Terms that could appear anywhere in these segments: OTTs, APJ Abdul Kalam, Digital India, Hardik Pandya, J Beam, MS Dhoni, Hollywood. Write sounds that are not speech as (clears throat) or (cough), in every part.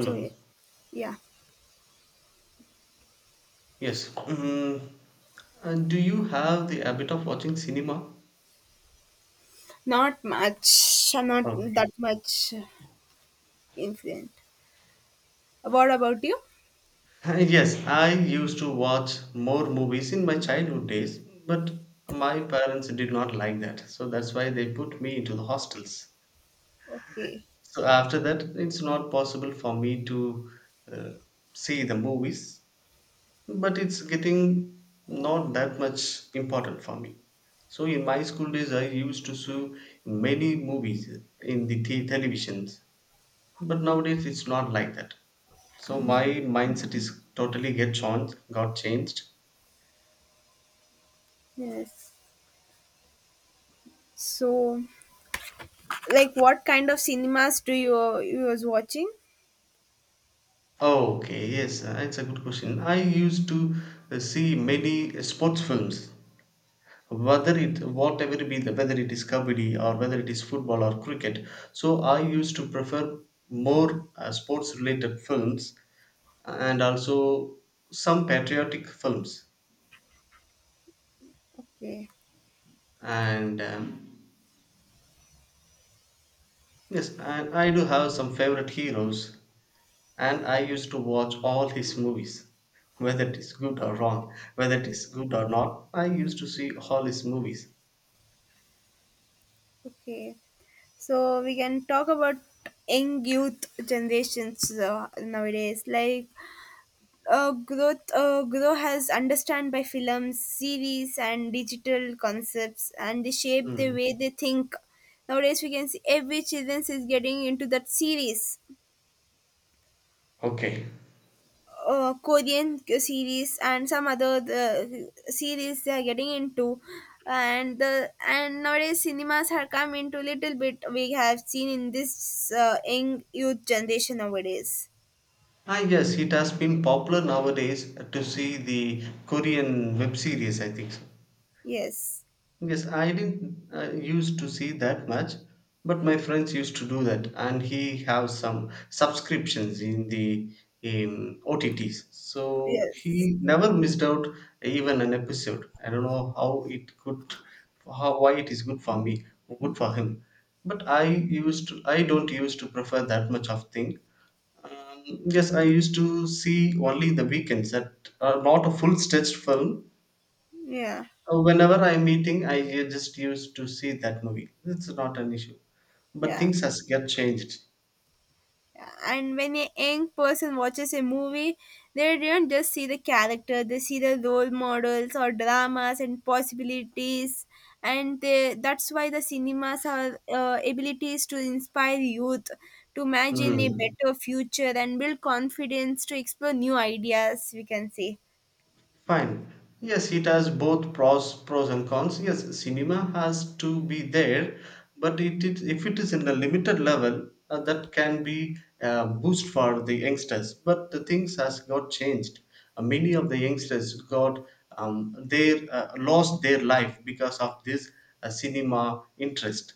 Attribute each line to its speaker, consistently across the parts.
Speaker 1: So yeah, yeah,
Speaker 2: Yes. Do you have the habit of watching cinema?
Speaker 1: not much, not
Speaker 2: Okay.
Speaker 1: that much influent. What about you?
Speaker 2: Yes, I used to watch more movies in my childhood days, but my parents did not like that. So that's why they put me into the hostels.
Speaker 1: Okay,
Speaker 2: So after that, it's not possible for me to uh, see the movies, but it's getting not that much important for me. So in my school days, I used to see many movies in the televisions. But nowadays it's not like that. So my mindset is totally got changed.
Speaker 1: yes. So, what kind of cinemas do you was watching?
Speaker 2: Oh, okay, yes, it's a good question. I used to see many sports films, whether it whatever it be the whether it is kabaddi or whether it is football or cricket. So I used to prefer more sports related films and also some patriotic films.
Speaker 1: Okay,
Speaker 2: And Yes, and I do have some favorite heroes and I used to watch all his movies, (laughs) whether it is good or not. I used to see all his movies.
Speaker 1: okay. So we can talk about young youth generations nowadays. Growth grow has understand by films series and digital concepts, and they shape the
Speaker 2: Hmm.
Speaker 1: way they think nowadays. We can see every children is getting into that series,
Speaker 2: Okay.
Speaker 1: korean series and some other the series they are getting into. And nowadays cinemas have come into little bit, we have seen in this young youth generation nowadays.
Speaker 2: Ah, yes, it has been popular nowadays to see the Korean web series, I think so.
Speaker 1: Yes,
Speaker 2: Yes, I didn't used to see that much, but my friends used to do that, and he have some subscriptions in the OTTs, so
Speaker 1: yes,
Speaker 2: he never missed out even an episode. I don't know how it could, how why it is good for me, good for him, but I don't used to prefer that much of thing. Yes, I used to see only the weekends that are not a full stretched film,
Speaker 1: yeah,
Speaker 2: Whenever I'm eating, just used to see that movie. It's not an issue. But
Speaker 1: yeah.
Speaker 2: things has get changed.
Speaker 1: And when a young person watches a movie, they don't just see the character, they see the role models or dramas and possibilities. And they, that's why the cinemas are abilities to inspire youth to imagine a
Speaker 2: Hmm.
Speaker 1: better future and build confidence to explore new ideas, we can say.
Speaker 2: Fine. Yes, it has both pros and cons. Yes, cinema has to be there, but it if it is in a limited level, that can be a boost for the youngsters. But the things has got changed. Many of the youngsters got their lost their life because of this cinema interest.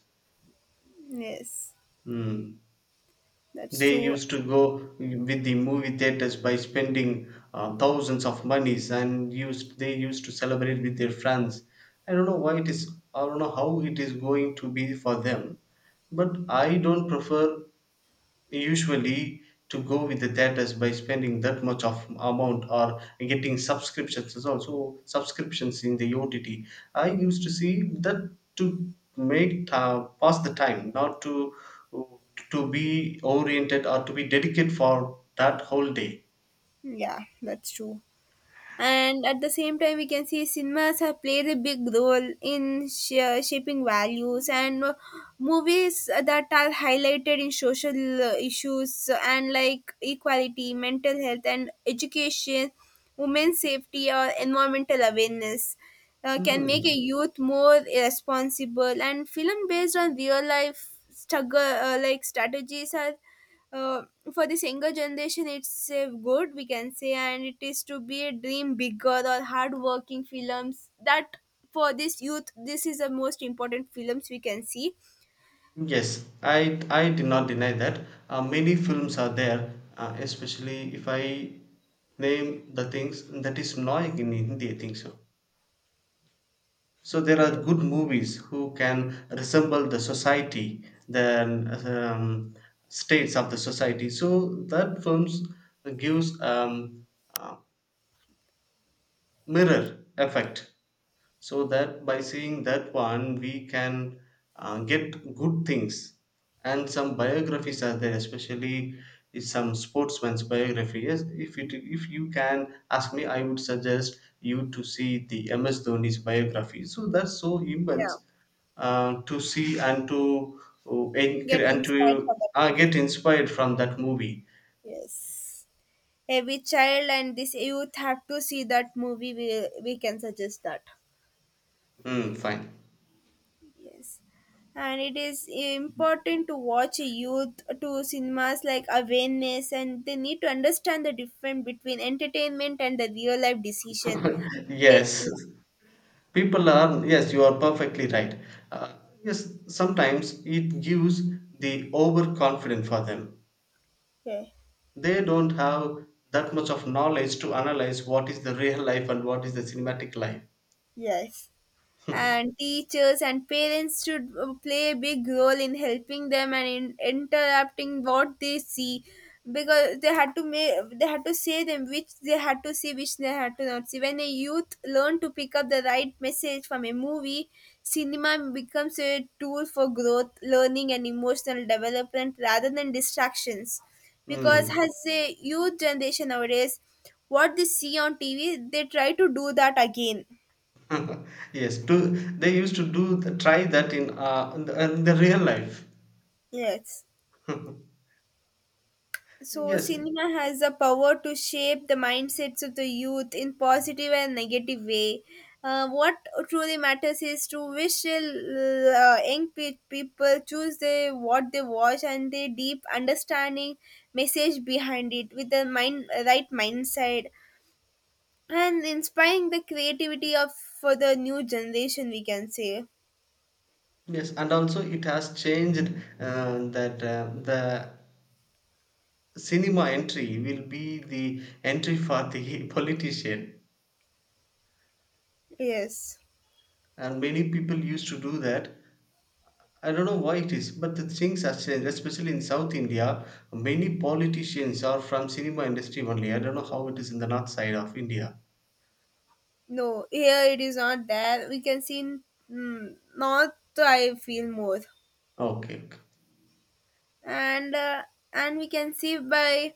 Speaker 1: Yes,
Speaker 2: Hmm.
Speaker 1: that's
Speaker 2: They
Speaker 1: true,
Speaker 2: used to go with the movie theaters by spending thousands of monies, and used they used to celebrate with their friends. I don't know why it is. I don't know how it is going to be for them, but I don't prefer usually to go with the theaters by spending that much of amount or getting subscriptions is also subscriptions in the OTT. I used to see that to make pass the time, not to to be oriented or to be dedicated for that whole day.
Speaker 1: yeah, that's true. And at the same time, we can see cinemas have played a big role in shaping values and movies that are highlighted in social issues, and like equality, mental health and education, women's safety or environmental awareness can make a
Speaker 2: Hmm.
Speaker 1: youth more responsible, and film based on real life struggle like strategies are uh, for this younger generation. It's a good, we can say, and it is to be a dream bigger or hardworking films that for this youth, this is the most important films we can see.
Speaker 2: Yes, I did not deny that. Many films are there, especially if I name the things that is Noy in Hindi, I think so. So there are
Speaker 1: Yes,
Speaker 2: good movies who can resemble the society, the states of the society. So that films gives uh, mirror effect, so that by seeing that one we can get good things. And some biographies are there, especially if some sportsman's biography. Yes, if you can ask me, I would suggest you to see the MS Dhoni's biography. So that's so
Speaker 1: yeah,
Speaker 2: immense to see and to
Speaker 1: get
Speaker 2: encourage and
Speaker 1: inspired for
Speaker 2: to
Speaker 1: that
Speaker 2: get
Speaker 1: movie.
Speaker 2: inspired from that movie.
Speaker 1: Yes, every child and this youth have to see that movie. We can suggest that.
Speaker 2: Mm, fine.
Speaker 1: Yes. And it is important to watch youth to cinemas like awareness, and they need to understand the difference between entertainment and the real life decision.
Speaker 2: (laughs)
Speaker 1: They, yeah.
Speaker 2: Yes, people are, yes, you are perfectly right. uh, yes, sometimes it gives the overconfident for them.
Speaker 1: Okay.
Speaker 2: They don't have that much of knowledge to analyze what is the real life and what is the cinematic life.
Speaker 1: Yes.
Speaker 2: (laughs)
Speaker 1: And teachers and parents should play a big role in helping them and in interrupting what they see, because they had to make, they had to say them which they had to see, which they had to not see. When a youth learn to pick up the right message from a movie, cinema becomes a tool for growth, learning and emotional development rather than distractions, because
Speaker 2: Hmm.
Speaker 1: as a youth generation nowadays, what they see on TV they try to do that again.
Speaker 2: (laughs) Yes they used to do try that in the real life.
Speaker 1: Yes.
Speaker 2: (laughs)
Speaker 1: So,
Speaker 2: Yes,
Speaker 1: cinema has the power to shape the mindsets of the youth in positive and negative way. What truly matters is to wish young people choose they what they watch, and the deep understanding message behind it with the mind right mindset, and inspiring the creativity of for the new generation. We can say
Speaker 2: yes, and also it has changed, that the cinema entry will be the entry for the (laughs) politician,
Speaker 1: yes.
Speaker 2: and many people used to do that. I don't know why it is, but the things have changed, especially in South India. Many politicians are from cinema industry only. I don't know how it is in the north side of India.
Speaker 1: No, here it is not there. We can see in mm, north. I feel more.
Speaker 2: Okay, okay.
Speaker 1: and uh, and we can see by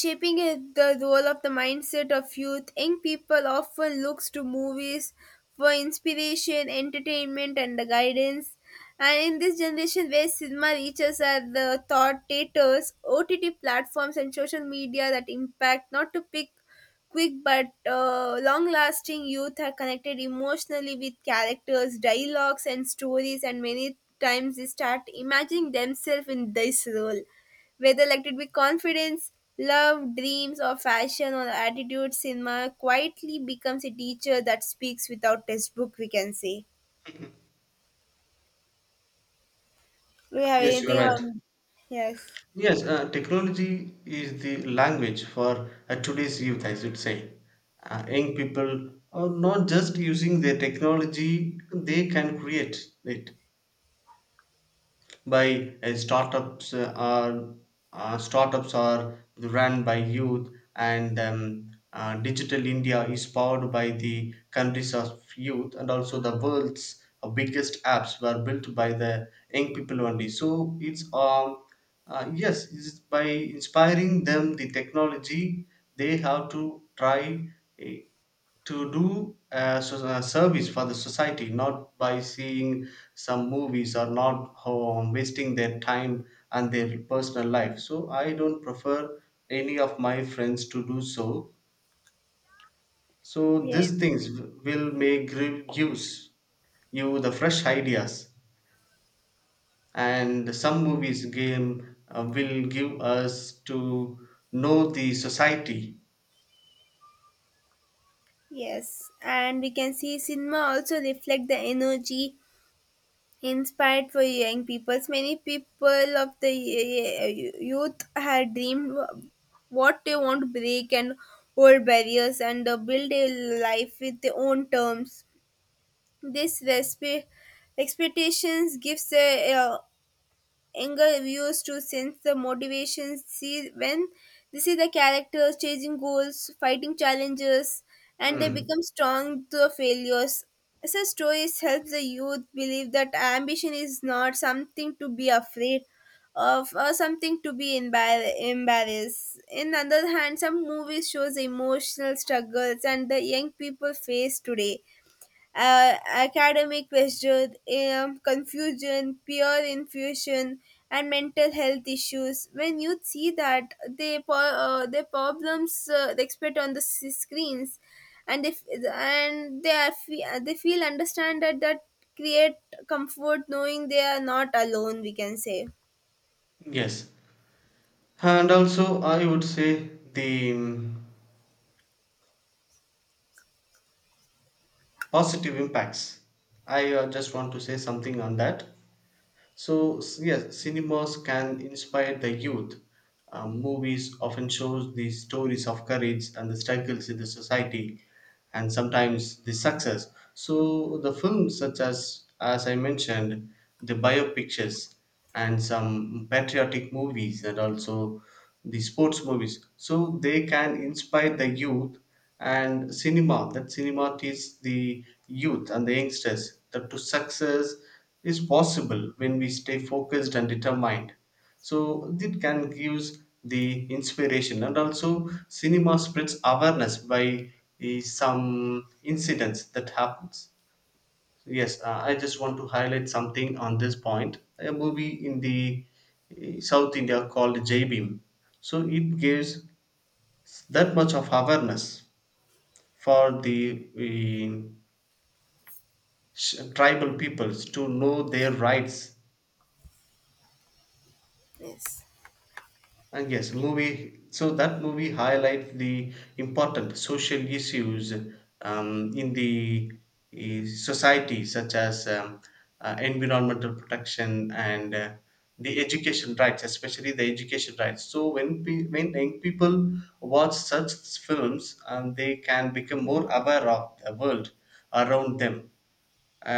Speaker 1: shaping the role of the mindset of youth. Young people often looks to movies for inspiration, entertainment, and the guidance. And in this generation where cinema reaches are the thought theaters, OTT platforms, and social media that impact not to pick quick but long-lasting, youth are connected emotionally with characters, dialogues, and stories, and many times they start imagining themselves in this role. Whether elected with confidence, love, dreams, or fashion or attitude, cinema quietly becomes a teacher that speaks without textbook, we can say. Do you have
Speaker 2: Yes, you are
Speaker 1: anything
Speaker 2: right.
Speaker 1: on? Yes.
Speaker 2: Yes, technology is the language for today's youth, I should say. Young people are not just using their technology, they can create it by startups are run by youth. And Digital India is powered by the countries of youth, and also the world's biggest apps were built by the young people only. So it's yes, it's by inspiring them the technology. They have to try uh, to do a, so- a service for the society, not by seeing some movies or not wasting their time and their personal life. So I don't prefer any of my friends to do so. So
Speaker 1: Yes.
Speaker 2: these things will make give gives you the fresh ideas, and some movies game will give us to know the society.
Speaker 1: Yes. And we can see cinema also reflect the energy inspired for young people. Many people of the youth had dreamed what they want to break and old barriers, and build a life with their own terms. This expectations gives the younger viewers to sense the motivations. See, when they see the characters chasing goals, fighting challenges, and they
Speaker 2: Hmm.
Speaker 1: become strong through failures. Such stories help the youth believe that ambition is not something to be afraid of or something to be embarrassed. In other hand, some movies shows the emotional struggles and the young people face today, academic pressure, confusion, peer infusion, and mental health issues. When youth see that, they their problems they expect on the screens, and if and they are they feel understand that that create comfort knowing they are not alone. We can say
Speaker 2: Yes, and also I would say the positive impacts. I just want to say something on that. Yes, cinemas can inspire the youth. Movies often shows the stories of courage and the struggles in the society, and sometimes the success. So the films, such as I mentioned, the biopictures and some patriotic movies, and also the sports movies. So they can inspire the youth and cinema. That cinema teaches the youth and the youngsters that to success is possible when we stay focused and determined. So it can gives the inspiration, and also cinema spreads awareness by some incidents that happens. Yes, I just want to highlight something on this point. A movie in the South India called J Beam, so it gives that much of awareness for the tribal peoples to know their rights.
Speaker 1: yes.
Speaker 2: And yes, movie. So that movie highlights the important social issues in the society, such as environmental protection and especially the education rights. So when young people watch such films, they can become more aware of the world around them,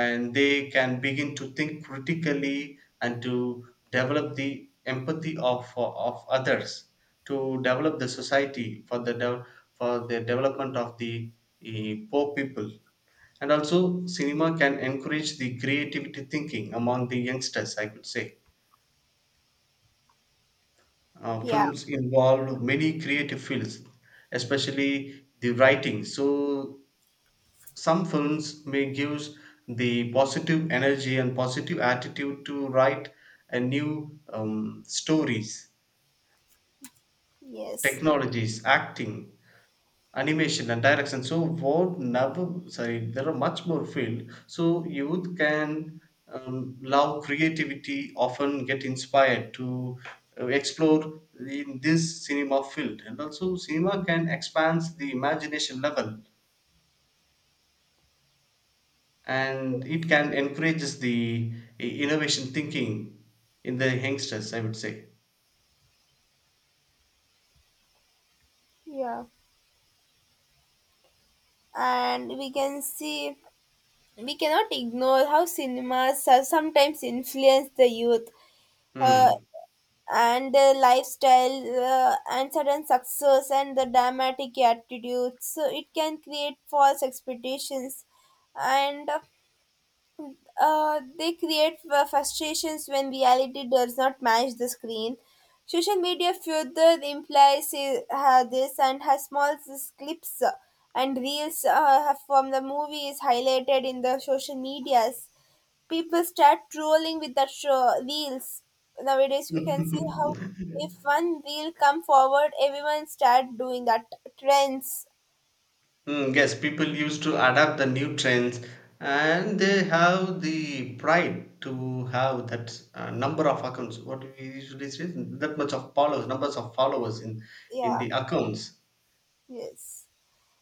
Speaker 2: and they can begin to think critically and to develop the empathy of others, to develop the society for for the development of the poor people. And also cinema can encourage the creativity thinking among the youngsters, I could say. Uh,
Speaker 1: Yeah.
Speaker 2: films involve many creative fields, especially the writing. So some films may give the positive energy and positive attitude to write a new stories,
Speaker 1: Yes.
Speaker 2: technologies, acting, animation and direction. So what never sorry There are much more field. So youth can love creativity, often get inspired to explore in this cinema field. And also cinema can expand the imagination level, and it can encourages the innovation thinking in the youngsters, I would say.
Speaker 1: Yeah. And we can see we cannot ignore how cinemas are sometimes influence the youth, uh,
Speaker 2: Hmm.
Speaker 1: and their lifestyle, and sudden success and the dramatic attitudes, so it can create false expectations, and they create frustrations when reality does not match the screen. Social media further implies this, and has small clips and reels from the movies highlighted in the social medias. People start trolling with the show wheels. Nowadays, we can see how
Speaker 2: (laughs)
Speaker 1: if one wheel come forward, everyone start doing that trends.
Speaker 2: Mm, yes, people used to adapt the new trends, and they have the pride to have that number of accounts what do we usually say that much of followers numbers of followers in
Speaker 1: Yeah,
Speaker 2: the accounts.
Speaker 1: yes.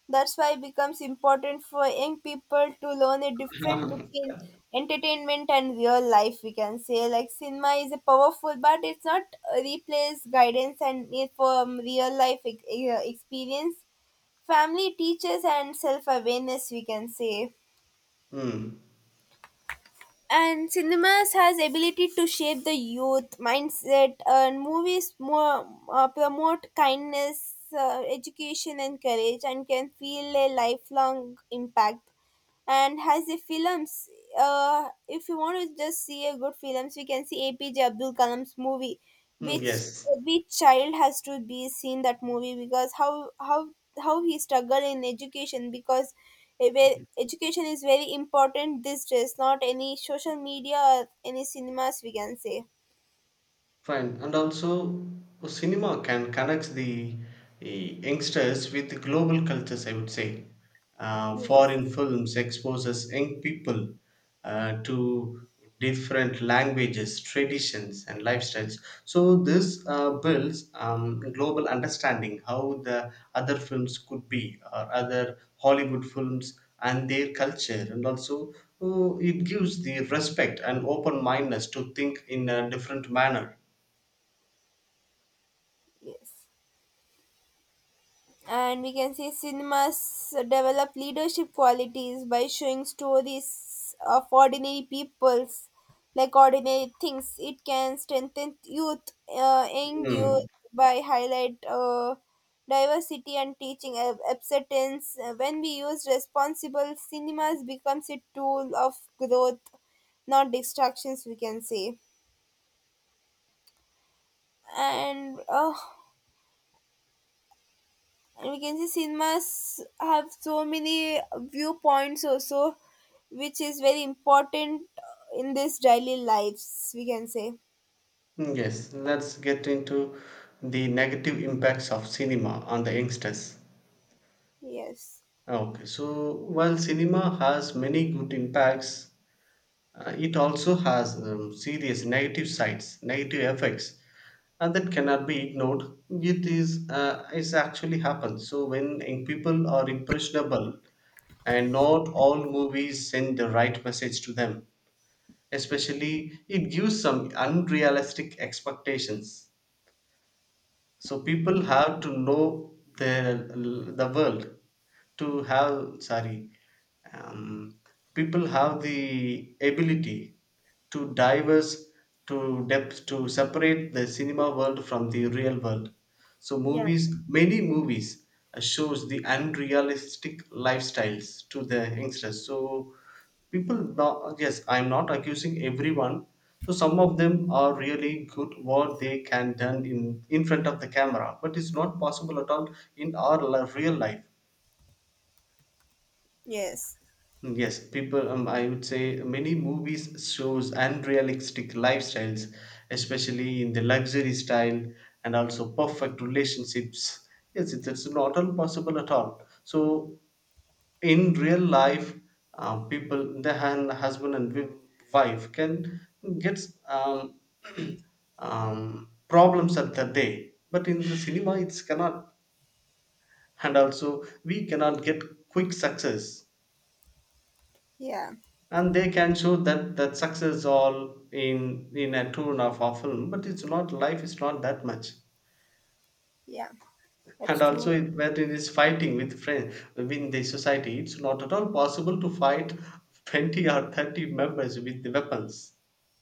Speaker 1: That's why it becomes important for young people to learn a different between entertainment and real life. We can say, like cinema is a powerful, but it's not replace guidance and need for real life experience, family, teachers, and self awareness. We can say.
Speaker 2: Hmm.
Speaker 1: And cinemas has ability to shape the youth mindset, and movies more promote kindness, education and courage, and can feel a lifelong impact. And has the films, if you want to just see a good films, we can see APJ Abdul Kalam's movie
Speaker 2: Mm,
Speaker 1: which
Speaker 2: yes.
Speaker 1: every child has to be seen that movie, because how he struggle in education, because where education is very important these days, not any social media or any cinemas, we can say.
Speaker 2: Fine. And also, cinema can connect the youngsters with global cultures, I would say. Foreign
Speaker 1: Yes,
Speaker 2: films exposes young people to different languages, traditions, and lifestyles. So this builds global understanding, how the other films could be, or other Hollywood films and their culture. And also, oh, it gives the respect and open mindedness to think in a different manner.
Speaker 1: yes. And we can say cinemas develop leadership qualities by showing stories of ordinary peoples, like ordinary things. It can strengthen youth, young youth,
Speaker 2: Hmm.
Speaker 1: by highlight diversity and teaching acceptance. When we use responsible cinemas becomes a tool of growth, not distractions, we can say. And uh, and we can see cinemas have so many viewpoints also, which is very important in this daily lives, we can say.
Speaker 2: Yes, let's get into the negative impacts of cinema on the youngsters.
Speaker 1: Yes.
Speaker 2: Okay, so while cinema has many good impacts, it also has negative effects, and that cannot be ignored. It's actually happens. So when young people are impressionable, and not all movies send the right message to them, especially it gives some unrealistic expectations. So people have to know the world to have. Sorry. Um, People have the ability to diverse to depth to separate the cinema world from the real world. So
Speaker 1: Yeah.
Speaker 2: many movies shows the unrealistic lifestyles to the youngsters. So people not, yes, I'm not accusing everyone. So some of them are really good what they can done in front of the camera, but it's not possible at all in our real life.
Speaker 1: Yes,
Speaker 2: Yes, people, I would say many movies shows unrealistic lifestyles, especially in the luxury style, and also perfect relationships. Yes, it's not all possible at all. So in real life, people, the husband and wife can get um, (clears throat) problems at the day, but in the cinema it's cannot. And also we cannot get quick success,
Speaker 1: yeah,
Speaker 2: and they can show that success all in a 2.5 hour film. But it's not, life is not that much.
Speaker 1: yeah, that's
Speaker 2: And
Speaker 1: true,
Speaker 2: also it, when it is fighting with friends within the society, it's not at all possible to fight 20 or 30 members with the weapons.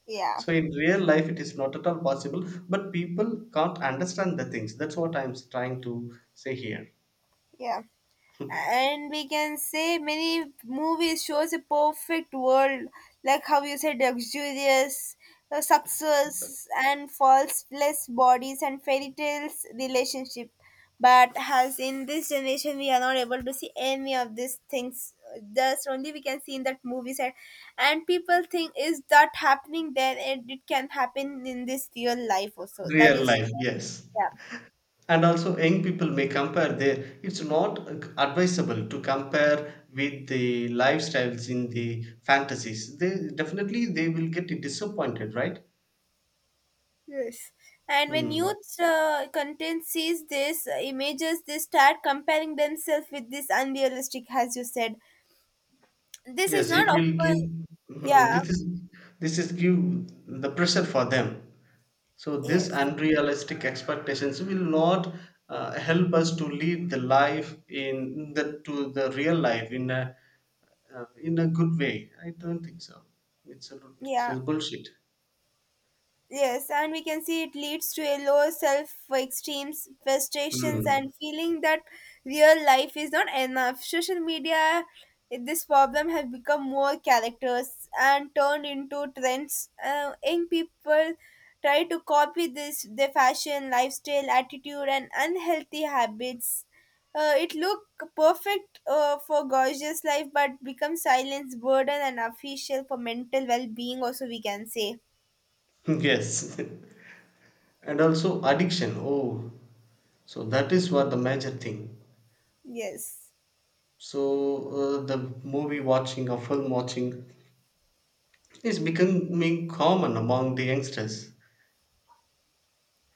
Speaker 1: yeah,
Speaker 2: So in real life, it is not at all possible, but people can't understand the things. That's what I'm trying to say here.
Speaker 1: yeah.
Speaker 2: (laughs)
Speaker 1: And we can say many movies shows a perfect world, like how you said, luxurious success and faultless bodies and fairy tales relationship. But as in this generation, we are not able to see any of these things. Thus, only we can see in that movie set, and people think is that happening there, and it can happen in this real life also. That
Speaker 2: Real
Speaker 1: is
Speaker 2: life, yes.
Speaker 1: yeah.
Speaker 2: And also, young people may compare their. It's not advisable to compare with the lifestyles in the fantasies. They definitely they will get disappointed, right?
Speaker 1: Yes. And when
Speaker 2: Hmm.
Speaker 1: youth content sees this images, they start comparing themselves with this unrealistic, as you said. This is
Speaker 2: Yes,
Speaker 1: not
Speaker 2: it will
Speaker 1: often.
Speaker 2: give. hmm,
Speaker 1: Yeah.
Speaker 2: This is this is give the pressure for them. So these
Speaker 1: Yes.
Speaker 2: unrealistic expectations will not help us to lead the life in the to the real life in a good way. I don't think so. It's a it's
Speaker 1: Yeah.
Speaker 2: a bullshit.
Speaker 1: Yes, and we can see it leads to a low self esteem, frustrations,
Speaker 2: Hmm.
Speaker 1: and feeling that real life is not enough. Social media, this problem has become more characters and turned into trends. Young people try to copy this their fashion, lifestyle, attitude, and unhealthy habits. It look perfect for gorgeous life, but becomes silence burden and official for mental well being. Also, we can say
Speaker 2: (laughs) Yes, (laughs) and also addiction. Oh, so that is what the major thing.
Speaker 1: yes.
Speaker 2: So the movie watching or film watching is becoming common among the youngsters.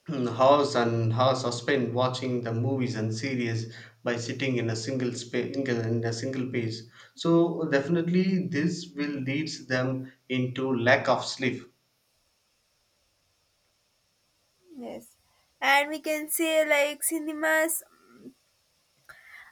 Speaker 2: Mm, hours and hours are spent watching the movies and series by sitting in a single space in a single place. So definitely this will leads them into lack of sleep.
Speaker 1: Yes, and we can say like cinemas,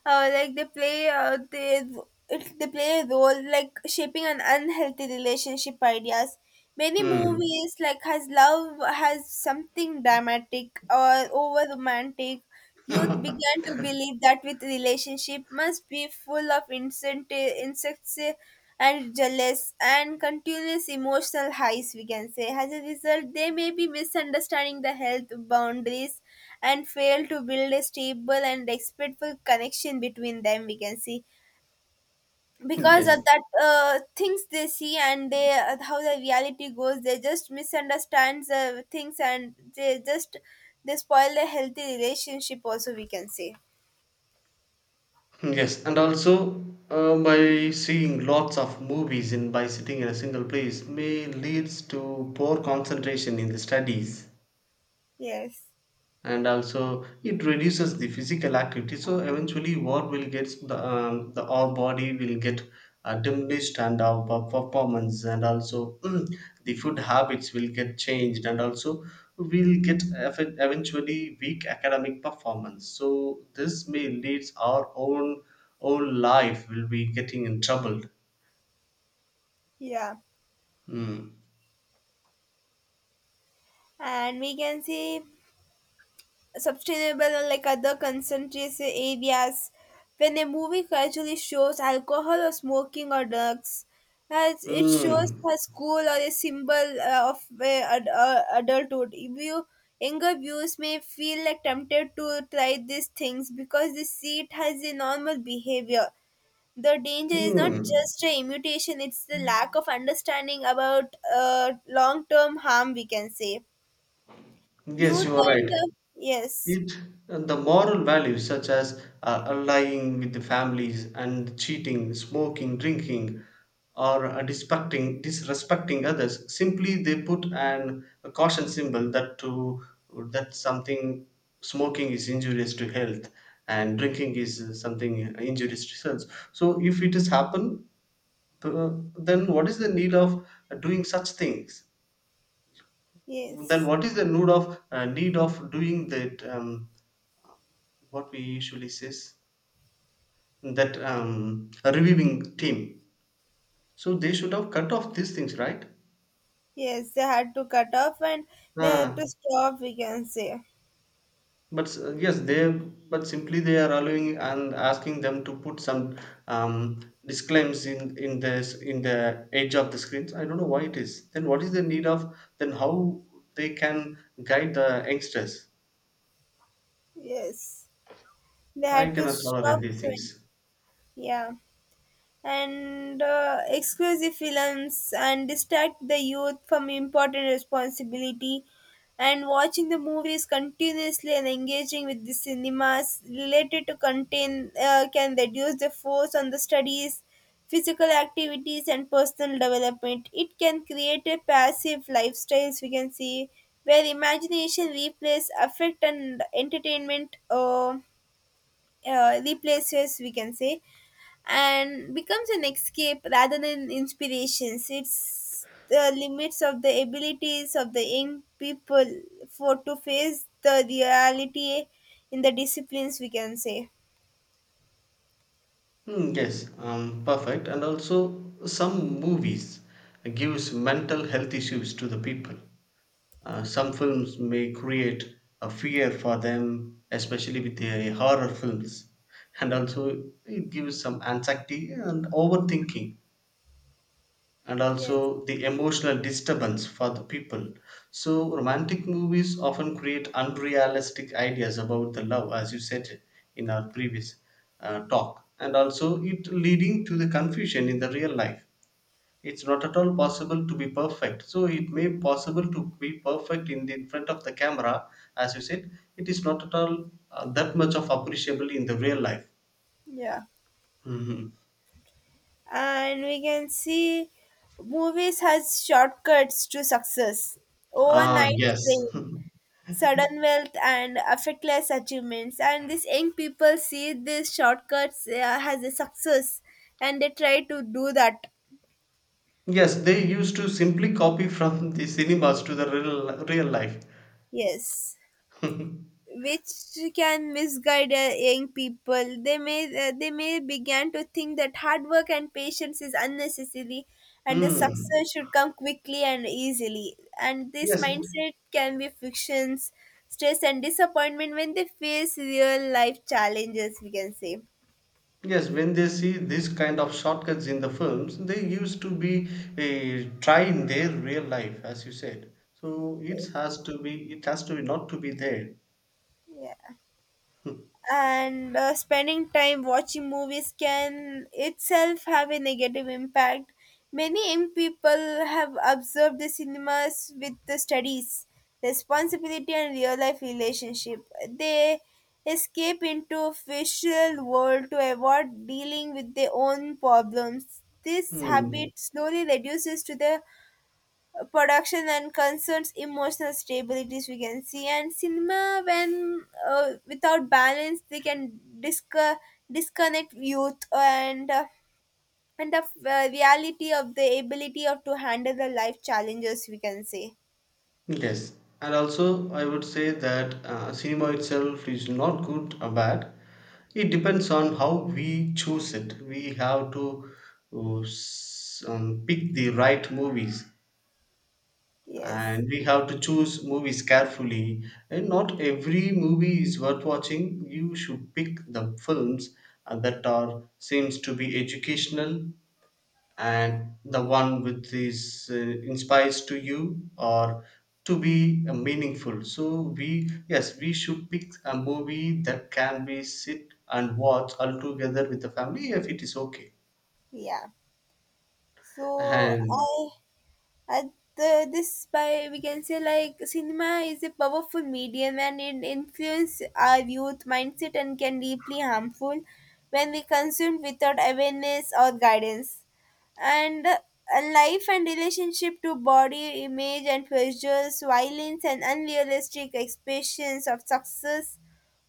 Speaker 1: uh, like they play uh, they they play a role like shaping an unhealthy relationship ideas. Many
Speaker 2: Hmm.
Speaker 1: movies like has love has something dramatic or over romantic. Youth
Speaker 2: (laughs)
Speaker 1: began to believe that with relationship must be full of instant insects, eh, and jealous and continuous emotional highs, we can say. As a result, they may be misunderstanding the health boundaries, and failed to build a stable and respectful connection between them, we can see. Because of
Speaker 2: Yes.
Speaker 1: that things they see, and they how the reality goes, they just misunderstands the things, and they just they spoil the healthy relationship also, we can say.
Speaker 2: Yes, and also, by seeing lots of movies and by sitting in a single place may leads to poor concentration in the studies.
Speaker 1: Yes,
Speaker 2: And also it reduces the physical activity, so eventually what will get the our body will get diminished, and our performance, and also (clears throat) the food habits will get changed. And also we'll get eventually weak academic performance, so this may leads our own life will be getting in trouble.
Speaker 1: yeah.
Speaker 2: Mm.
Speaker 1: And we can see sustainable unlike other concentrated areas. When a movie casually shows alcohol or smoking or drugs, as it shows
Speaker 2: Mm.
Speaker 1: a school or a symbol of adulthood. If you younger viewers may feel like tempted to try these things because they see it has a normal behavior. The danger is not
Speaker 2: Mm.
Speaker 1: just a imitation; it's the lack of understanding about long-term harm. We can say
Speaker 2: Yes,
Speaker 1: youth
Speaker 2: you are
Speaker 1: and
Speaker 2: right.
Speaker 1: yes,
Speaker 2: It and the moral values such as allying with the families and cheating, smoking, drinking, or disrespecting others. Simply, they put an a caution symbol that to that something, smoking is injurious to health, and drinking is something injurious to health. So, if it has happened, uh, then what is the need of doing such things? Then
Speaker 1: yes.
Speaker 2: what is the need of doing that? What we usually says that, a reviewing team. So they should have cut off these things, right?
Speaker 1: Yes, they had to cut off, and they had
Speaker 2: Ah,
Speaker 1: to stop, we can say.
Speaker 2: but yes, they, but simply they are allowing and asking them to put some um, disclaims in this in the edge of the screens. I don't know why it is. Then what is the need of? Then how they can guide the youngsters?
Speaker 1: Yes, they
Speaker 2: I
Speaker 1: had to
Speaker 2: cannot tolerate
Speaker 1: stop
Speaker 2: these
Speaker 1: doing.
Speaker 2: things.
Speaker 1: Yeah. And exclusive films and distract the youth from important responsibility, and watching the movies continuously and engaging with the cinemas related to content can reduce the force on the studies, physical activities and personal development. It can create a passive lifestyles, we can see, where imagination replaces affect and entertainment replaces, we can say, and becomes an escape rather than inspirations. It's the limits of the abilities of the young people for to face the reality in the disciplines, we can say.
Speaker 2: Mm, yes, perfect. And also, some movies gives mental health issues to the people. Some films may create a fear for them, especially with the horror films, and also it gives some anxiety and overthinking, and
Speaker 1: Yes.
Speaker 2: also the emotional disturbance for the people. So, romantic movies often create unrealistic ideas about the love, as you said in our previous talk, and also it leading to the confusion in the real life. It's not at all possible to be perfect. So it may possible to be perfect in the in front of the camera, as you said. It is not at all that much of appreciable in the real life.
Speaker 1: Yeah.
Speaker 2: Mhm.
Speaker 1: And we can see movies has shortcuts to success.
Speaker 2: Ah,
Speaker 1: Overnight
Speaker 2: yes.
Speaker 1: fame,
Speaker 2: (laughs)
Speaker 1: sudden wealth and effortless achievements. And these young people see these shortcuts as a success and they try to do that.
Speaker 2: Yes, they used to simply copy from the cinemas to the real life.
Speaker 1: Yes,
Speaker 2: (laughs)
Speaker 1: which can misguide young people. They may begin to think that hard work and patience is unnecessary, and the
Speaker 2: Hmm.
Speaker 1: success should come quickly and easily. And this
Speaker 2: Yes,
Speaker 1: mindset can be frictions, stress, and disappointment when they face real life challenges. We can say,
Speaker 2: yes. When they see this kind of shortcuts in the films, they used to be eh, try in their real life, as you said. So it has to be. It has to be not to be there.
Speaker 1: yeah. And spending time watching movies can itself have a negative impact. Many young people have observed the cinemas with the studies, responsibility, and real life relationship. They escape into official world to avoid dealing with their own problems. This
Speaker 2: Hmm.
Speaker 1: habit slowly reduces to the production and concerns emotional stabilities, we can see. And cinema, when without balance, they can disconnect youth and the reality of the ability of to handle the life challenges, we can say.
Speaker 2: Yes, and also I would say that cinema itself is not good or bad. It depends on how we choose it. We have to pick the right movies,
Speaker 1: Yes,
Speaker 2: and we have to choose movies carefully. And not every movie is worth watching. You should pick the films that are seems to be educational, and the one which is inspires to you or to be meaningful. So we, yes, we should pick a movie that can be sit and watch all together with the family, if it is okay.
Speaker 1: yeah. So
Speaker 2: And
Speaker 1: I at the, this by we can say like cinema is a powerful medium, and it influences our youth mindset, and can deeply harmful when we consume without awareness or guidance, and life and relationship to body image and pleasures, violence and unrealistic expressions of success.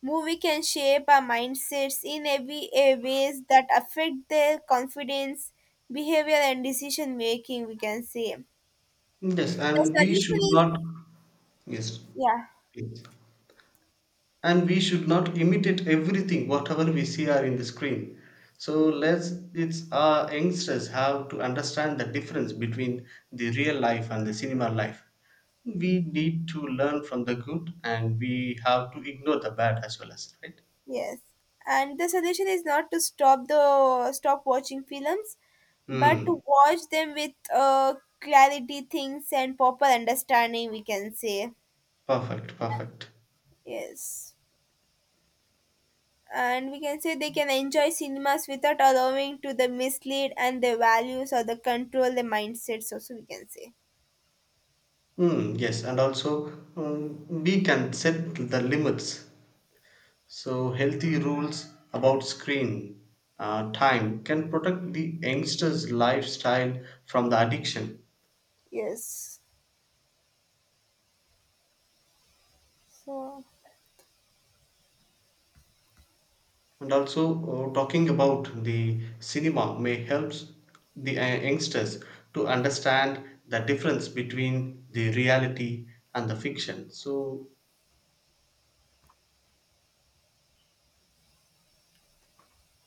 Speaker 1: Movie can shape our mindsets in every ways that affect their confidence, behavior and decision making, we can say.
Speaker 2: yes, and
Speaker 1: The
Speaker 2: we
Speaker 1: solution
Speaker 2: should
Speaker 1: is
Speaker 2: not, yes,
Speaker 1: yeah,
Speaker 2: please, and we should not imitate everything whatever we see are in the screen. So let's, it's our youngsters have to understand the difference between the real life and the cinema life. We need to learn from the good, and we have to ignore the bad as well, as right.
Speaker 1: yes. And the solution is not to stop the stop watching films, but to
Speaker 2: Hmm.
Speaker 1: watch them with clarity, things and proper understanding. We can say
Speaker 2: Perfect. Perfect.
Speaker 1: yes, and we can say they can enjoy cinemas without allowing to the mislead and the values or the control the mindsets. Also, we can say
Speaker 2: Hmm. Yes, and also, we can set the limits. So, healthy rules about screen time can protect the youngsters' lifestyle from the addiction.
Speaker 1: yes. So.
Speaker 2: And also, talking about the cinema may help the youngsters to understand the difference between the reality and the fiction. So,